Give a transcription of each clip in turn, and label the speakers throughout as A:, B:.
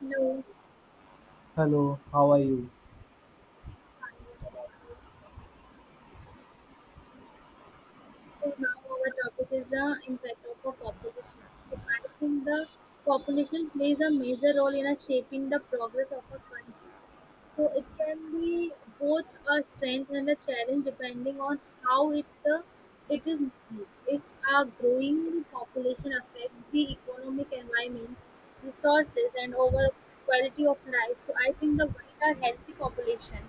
A: No,
B: Hello, how are you?
A: I not about you. So now our topic is the impact of a population. So I think the population plays a major role in a shaping the progress of a country. So it can be both a strength and a challenge depending on how it is used. If a growing population affects the economic environment, resources, and over quality of life, so I think the why healthy population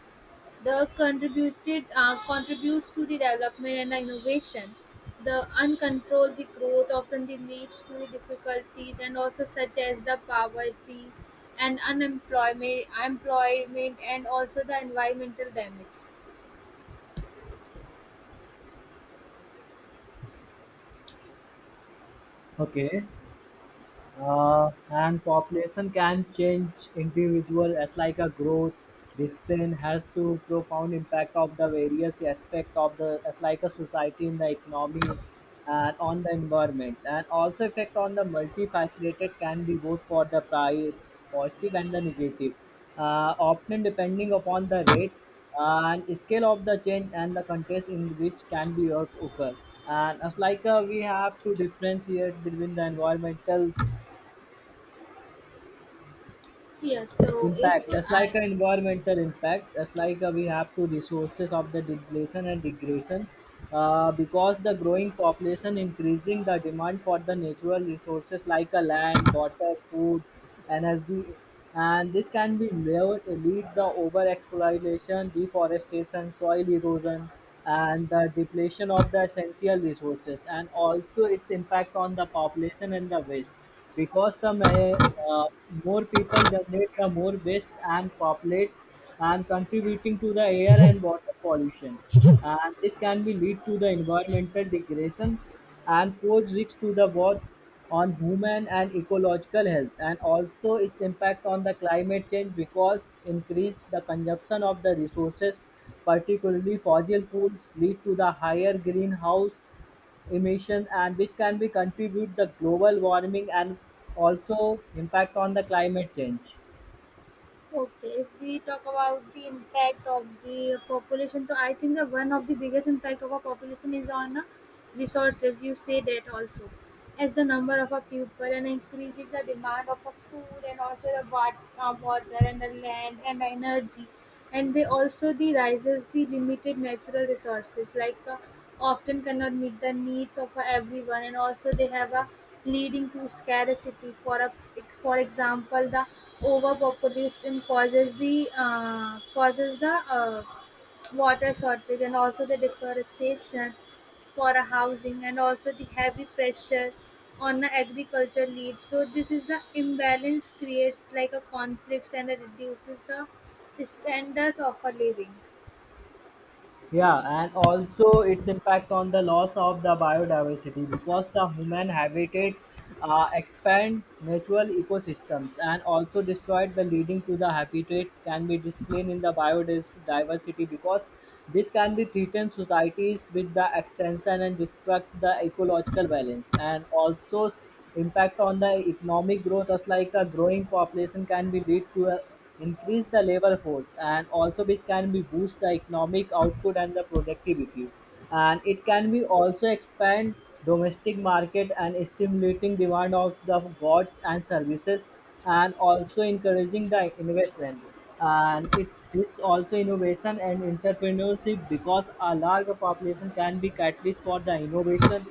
A: The contributed contributes to the development and innovation. The uncontrolled the growth often leads to the difficulties and also such as the poverty and unemployment employment and also the environmental damage.
B: Okay. And population can change individual as like a growth discipline has to profound impact of the various aspect of the as like a society in the economy and on the environment and also effect on the multifaceted can be both for the positive and the negative, often depending upon the rate and scale of the change and the context in which can be or occur. And as like we have to differentiate between the environmental
A: Yeah. so if
B: impact, that's
A: I
B: like an environmental impact, that's like we have to resources of the depletion and degradation, because the growing population increasing the demand for the natural resources like a land, water, food, energy. And this can be lead, the over exploitation, deforestation, soil erosion and the depletion of the essential resources. And also its impact on the population and the waste, because the uh, more people generate the more waste and populates, and contributing to the air and water pollution. And this can be lead to the environmental degradation and pose risks to the both on human and ecological health. And also its impact on the climate change, because increase the consumption of the resources, particularly fossil fuels, lead to the higher greenhouse emissions, and which can be contribute the global warming and also impact on the climate change.
A: Okay, if we talk about the impact of the population, so I think that one of the biggest impact of our population is on resources. You say that also, as the number of our people and increasing the demand of our food and also the water and the land and the energy and they also the rises the limited natural resources like often cannot meet the needs of everyone and also they have a leading to scarcity for a, for example, the overpopulation causes the water shortage and also the deforestation for a housing and also the heavy pressure on the agriculture lead, so this is the imbalance creates like a conflicts and it reduces the standards of a living.
B: Yeah, and also its impact on the loss of the biodiversity, because the human habitat expand natural ecosystems and also destroyed the leading to the habitat can be displayed in the biodiversity, because this can be threaten societies with the extension and disrupt the ecological balance. And also impact on the economic growth, as like a growing population can be lead to a increase the labor force and also which can be boost the economic output and the productivity. And it can be also expand domestic market and stimulating demand of the goods and services, and also encouraging the investment. And it's also innovation and entrepreneurship, because a larger population can be catalyst for the innovation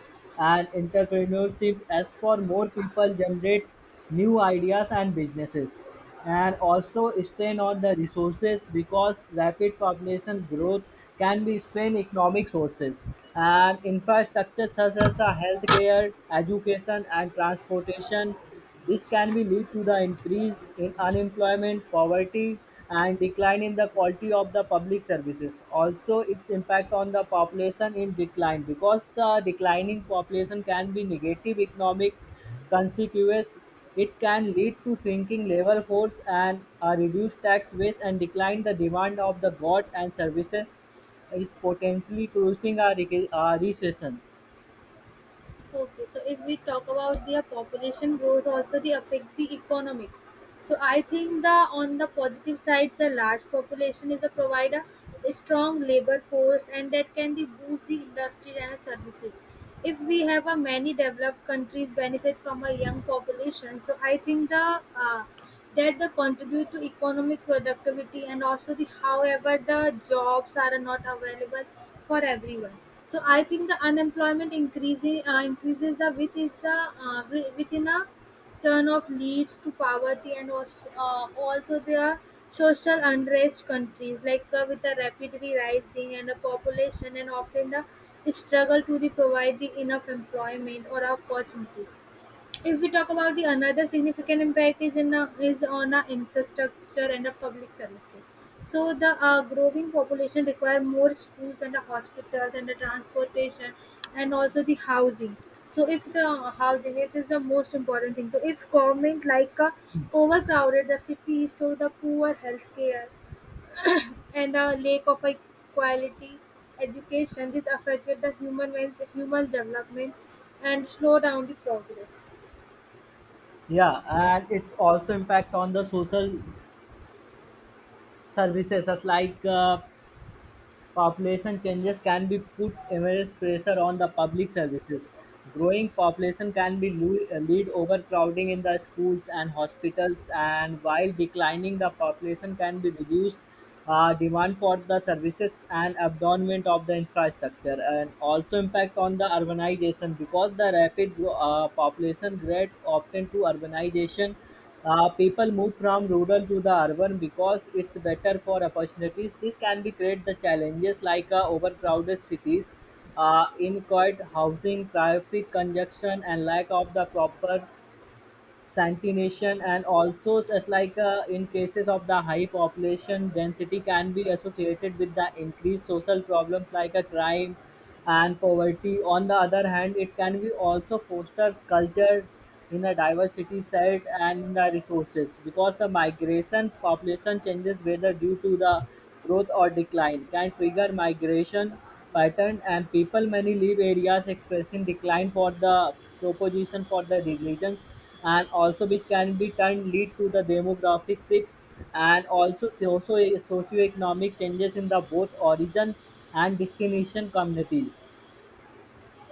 B: and entrepreneurship as for more people generate new ideas and businesses. And also strain on the resources, because rapid population growth can be strain economic sources and infrastructure such as the healthcare, education and transportation. This can be lead to the increase in unemployment, poverty and decline in the quality of the public services. Also its impact on the population in decline, because the declining population can be negative economic. Consequently, it can lead to shrinking labor-force, and a reduced tax base, and decline the demand of the goods and services, is potentially causing a a recession.
A: Okay, so if we talk about the population growth, also the affect the economic. So I think the on the positive sides, a large population is a provider, a strong labor force, and that can the boost the industry and services. If we have a many developed countries benefit from a young population, so I think the uh, that the contribute to economic productivity and also the however the jobs are not available for everyone. So I think the unemployment increases the which is the which in a turn of leads to poverty and also, also there are social unrest countries like with the rapidly rising and a population and often the struggle to the provide the enough employment or opportunities. If we talk about the another significant impact is on our infrastructure and our public services. So the growing population require more schools and the hospitals and the transportation and also the housing. So if the housing it is the most important thing. So if government like overcrowded the cities, so the poor healthcare and a lack of a quality education, this affected the human development and slow down the progress.
B: Yeah, and it's also impact on the social services as like population changes can be put immense pressure on the public services. Growing population can be lead overcrowding in the schools and hospitals, and while declining the population can be reduced demand for the services and abandonment of the infrastructure. And also impact on the urbanization, because the rapid population growth often to urbanization, people move from rural to the urban because it's better for opportunities. This can be create the challenges like overcrowded cities, inadequate housing, traffic congestion, and lack of the proper sanitation. And also as like in cases of the high population density can be associated with the increased social problems like a crime and poverty. On the other hand, it can be also foster culture in a diversity set and in the resources, because the migration population changes whether due to the growth or decline can trigger migration pattern, and people many leave areas expressing decline for the proposition for the religions, and also which can be turned lead to the demographic shifts and also socioeconomic changes in the both origin and destination communities.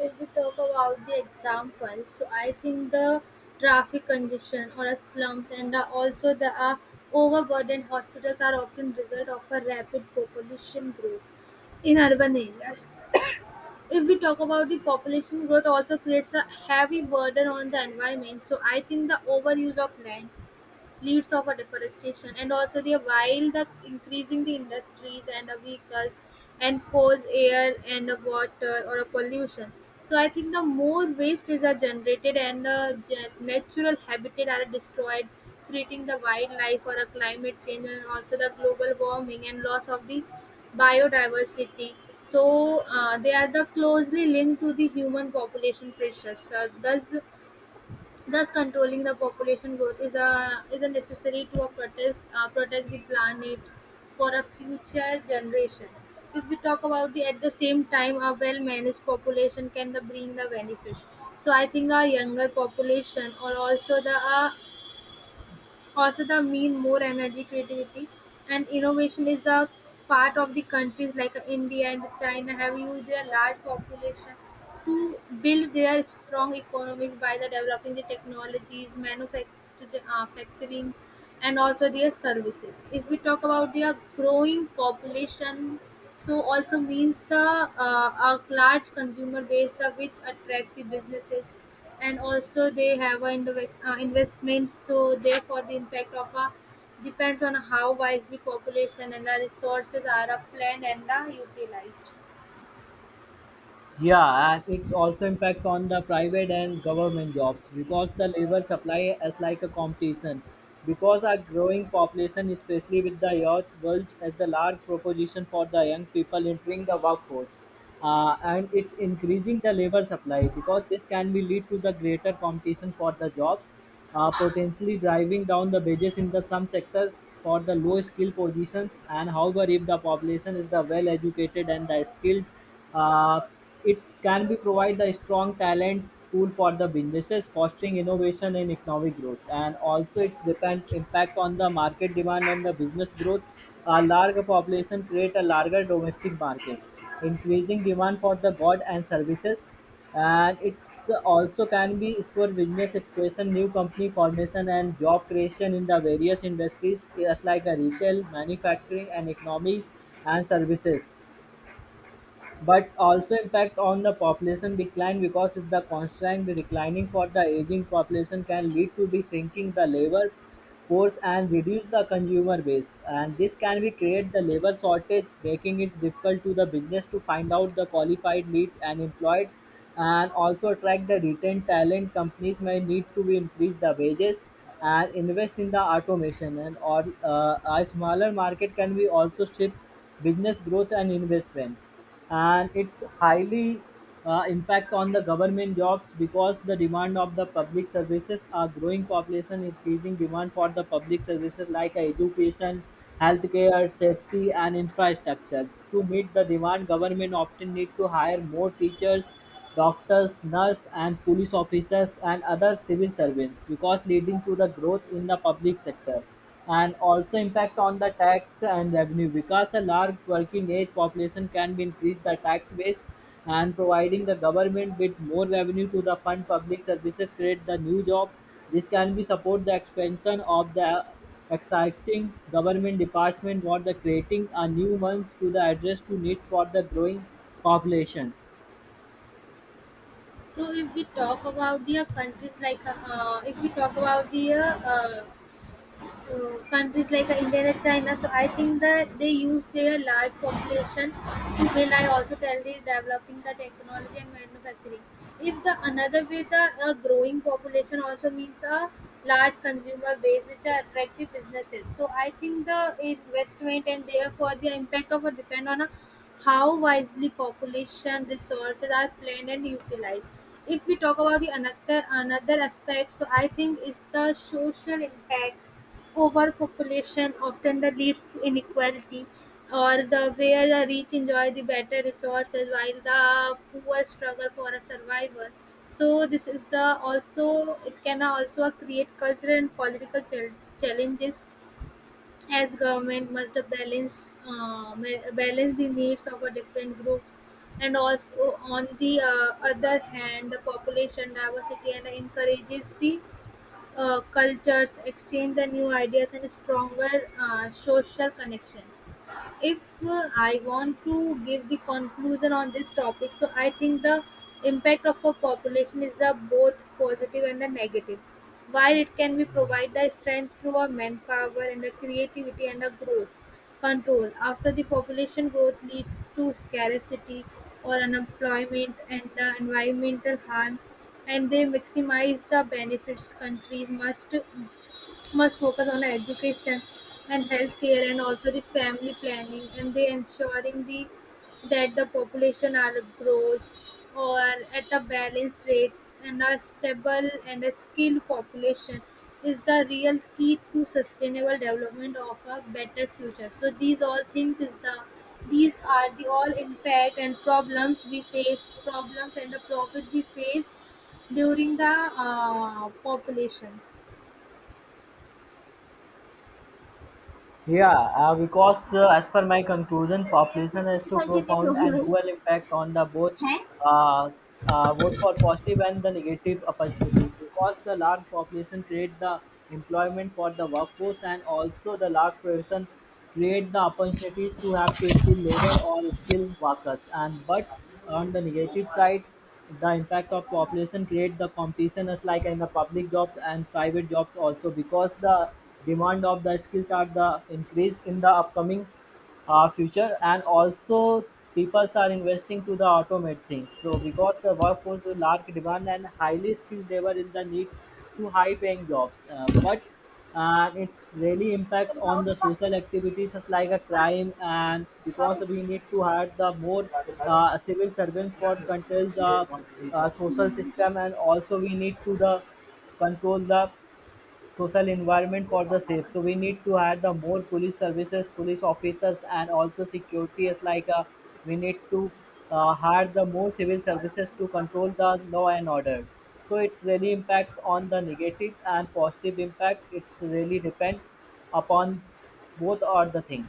A: If we talk about the example, so I think the traffic congestion or a slums and also the overburdened hospitals are often result of a rapid population growth in urban areas. If we talk about the population growth also creates a heavy burden on the environment. So I think the overuse of land leads of a deforestation and also the while the increasing the industries and the vehicles and cause air and a water or a pollution, so I think the more waste is are generated and natural habitat are destroyed, creating the wildlife or a climate change and also the global warming and loss of the biodiversity. So they are the closely linked to the human population pressures, so thus, controlling the population growth is a necessary to a protest protect the planet for a future generation. If we talk about the at the same time a well managed population can the bring the benefits. So I think a younger population or also, the mean more energy, creativity and innovation is a part of the countries like India and China have used their large population to build their strong economies by the developing the technologies, manufacturing, uh, facturings, and also their services. If we talk about their growing population, so also means the a large consumer base the which attract the businesses and also they have a investments, so therefore the impact of a depends on how wisely population and the resources are planned and are utilized.
B: Yeah, and it's also impact on the private and government jobs, because the labor supply is like a competition. Because our growing population, especially with the youth, world as the large proposition for the young people entering the workforce, and it's increasing the labor supply, because this can be lead to the greater competition for the jobs, potentially driving down the wages in the some sectors for the low-skilled positions. And however, if the population is the well-educated and the skilled, uh, it can be provide the strong talent pool for the businesses, fostering innovation and economic growth. And also, it depend impact on the market demand and the business growth. A larger population create a larger domestic market, increasing demand for the goods and services, and it also can be used for business expansion, new company formation, and job creation in the various industries, just like a retail, manufacturing, and economy and services. But also impact on the population decline, because if the constant declining for the aging population can lead to be shrinking the labor force and reduce the consumer base, and this can be create the labor shortage, making it difficult to the business to find out the qualified lead and employed, and also attract the retained talent. Companies may need to be increase the wages and invest in the automation, and or a smaller market can be also shift business growth and investment. And it's highly impact on the government jobs, because the demand of the public services are growing population increasing demand for the public services like education, healthcare, safety and infrastructure. To meet the demand, government often need to hire more teachers, doctors, nurses and police officers and other civil servants, because leading to the growth in the public sector. And also impact on the tax and revenue, because a large working age population can be increased the tax base and providing the government with more revenue to the fund public services, create the new job. This can be support the expansion of the exciting government department what the creating a new ones to the address to needs for the growing population.
A: So if we talk about the uh, countries if we talk about the countries like India and China. So I think that they use their large population to will I also tell the developing the technology and manufacturing. If the another way the a growing population also means a large consumer base which are attractive businesses. So I think the investment and therefore the impact of a depend on a how wisely population resources are planned and utilized. If we talk about the another aspect, so I think is the social impact. Overpopulation often the leads to inequality, or the where the rich enjoy the better resources while the poor struggle for a survival. So this is the also it can also create cultural and political challenges as government must balance the needs of a different groups and also on the other hand the population diversity and encourages the cultures exchange the new ideas and stronger social connection. If I want to give the conclusion on this topic, so I think the impact of a population is a both positive and a negative. While it can be provide the strength through a manpower and a creativity and a growth control. After the population growth leads to scarcity or unemployment and environmental harm, and they maximize the benefits countries must focus on education and healthcare and also the family planning and they ensuring the that the population are grows or at a balanced rates and a stable and a skilled population is the real key to sustainable development of a better future. So these all things is the these are the all impact and problems we face, problems and the profit we face during the population.
B: Yeah, because as per my conclusion,
A: ये फिर
B: population has
A: कितनी
B: two
A: सारी चीज़ कैसे हो
B: profound
A: गई
B: and
A: भाई?
B: dual impact on the both,
A: हैं।
B: uh, both for positive and the negative opportunities. Because the large population create the employment for the workforce, and also the large population create the opportunities to have to skilled labor or skilled workers. And but on the negative side, the impact of population create the competition as like in the public jobs and private jobs also, because the demand of the skills are the increased in the upcoming future. And also people are investing to the automate things, so because the workforce is large demand and highly skilled, they were in the need to high paying jobs, but it's really impact
A: तुम खाओ,
B: on the
A: कितना
B: social activities just like a
A: कितना
B: crime, and because
A: खाओ।
B: we need to hire the more civil servants for to control the social system. And also we need to the control the social environment for the safe. So we need to hire the more police services, police officers, and also security is like we need to hire the more civil services to control the law and order. So it's really impact on the negative and positive impact. It's really depend upon both are the thing.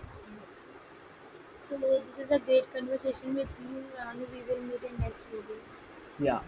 A: So this is a great conversation with you, Ranu. We will meet in next video.
B: Yeah.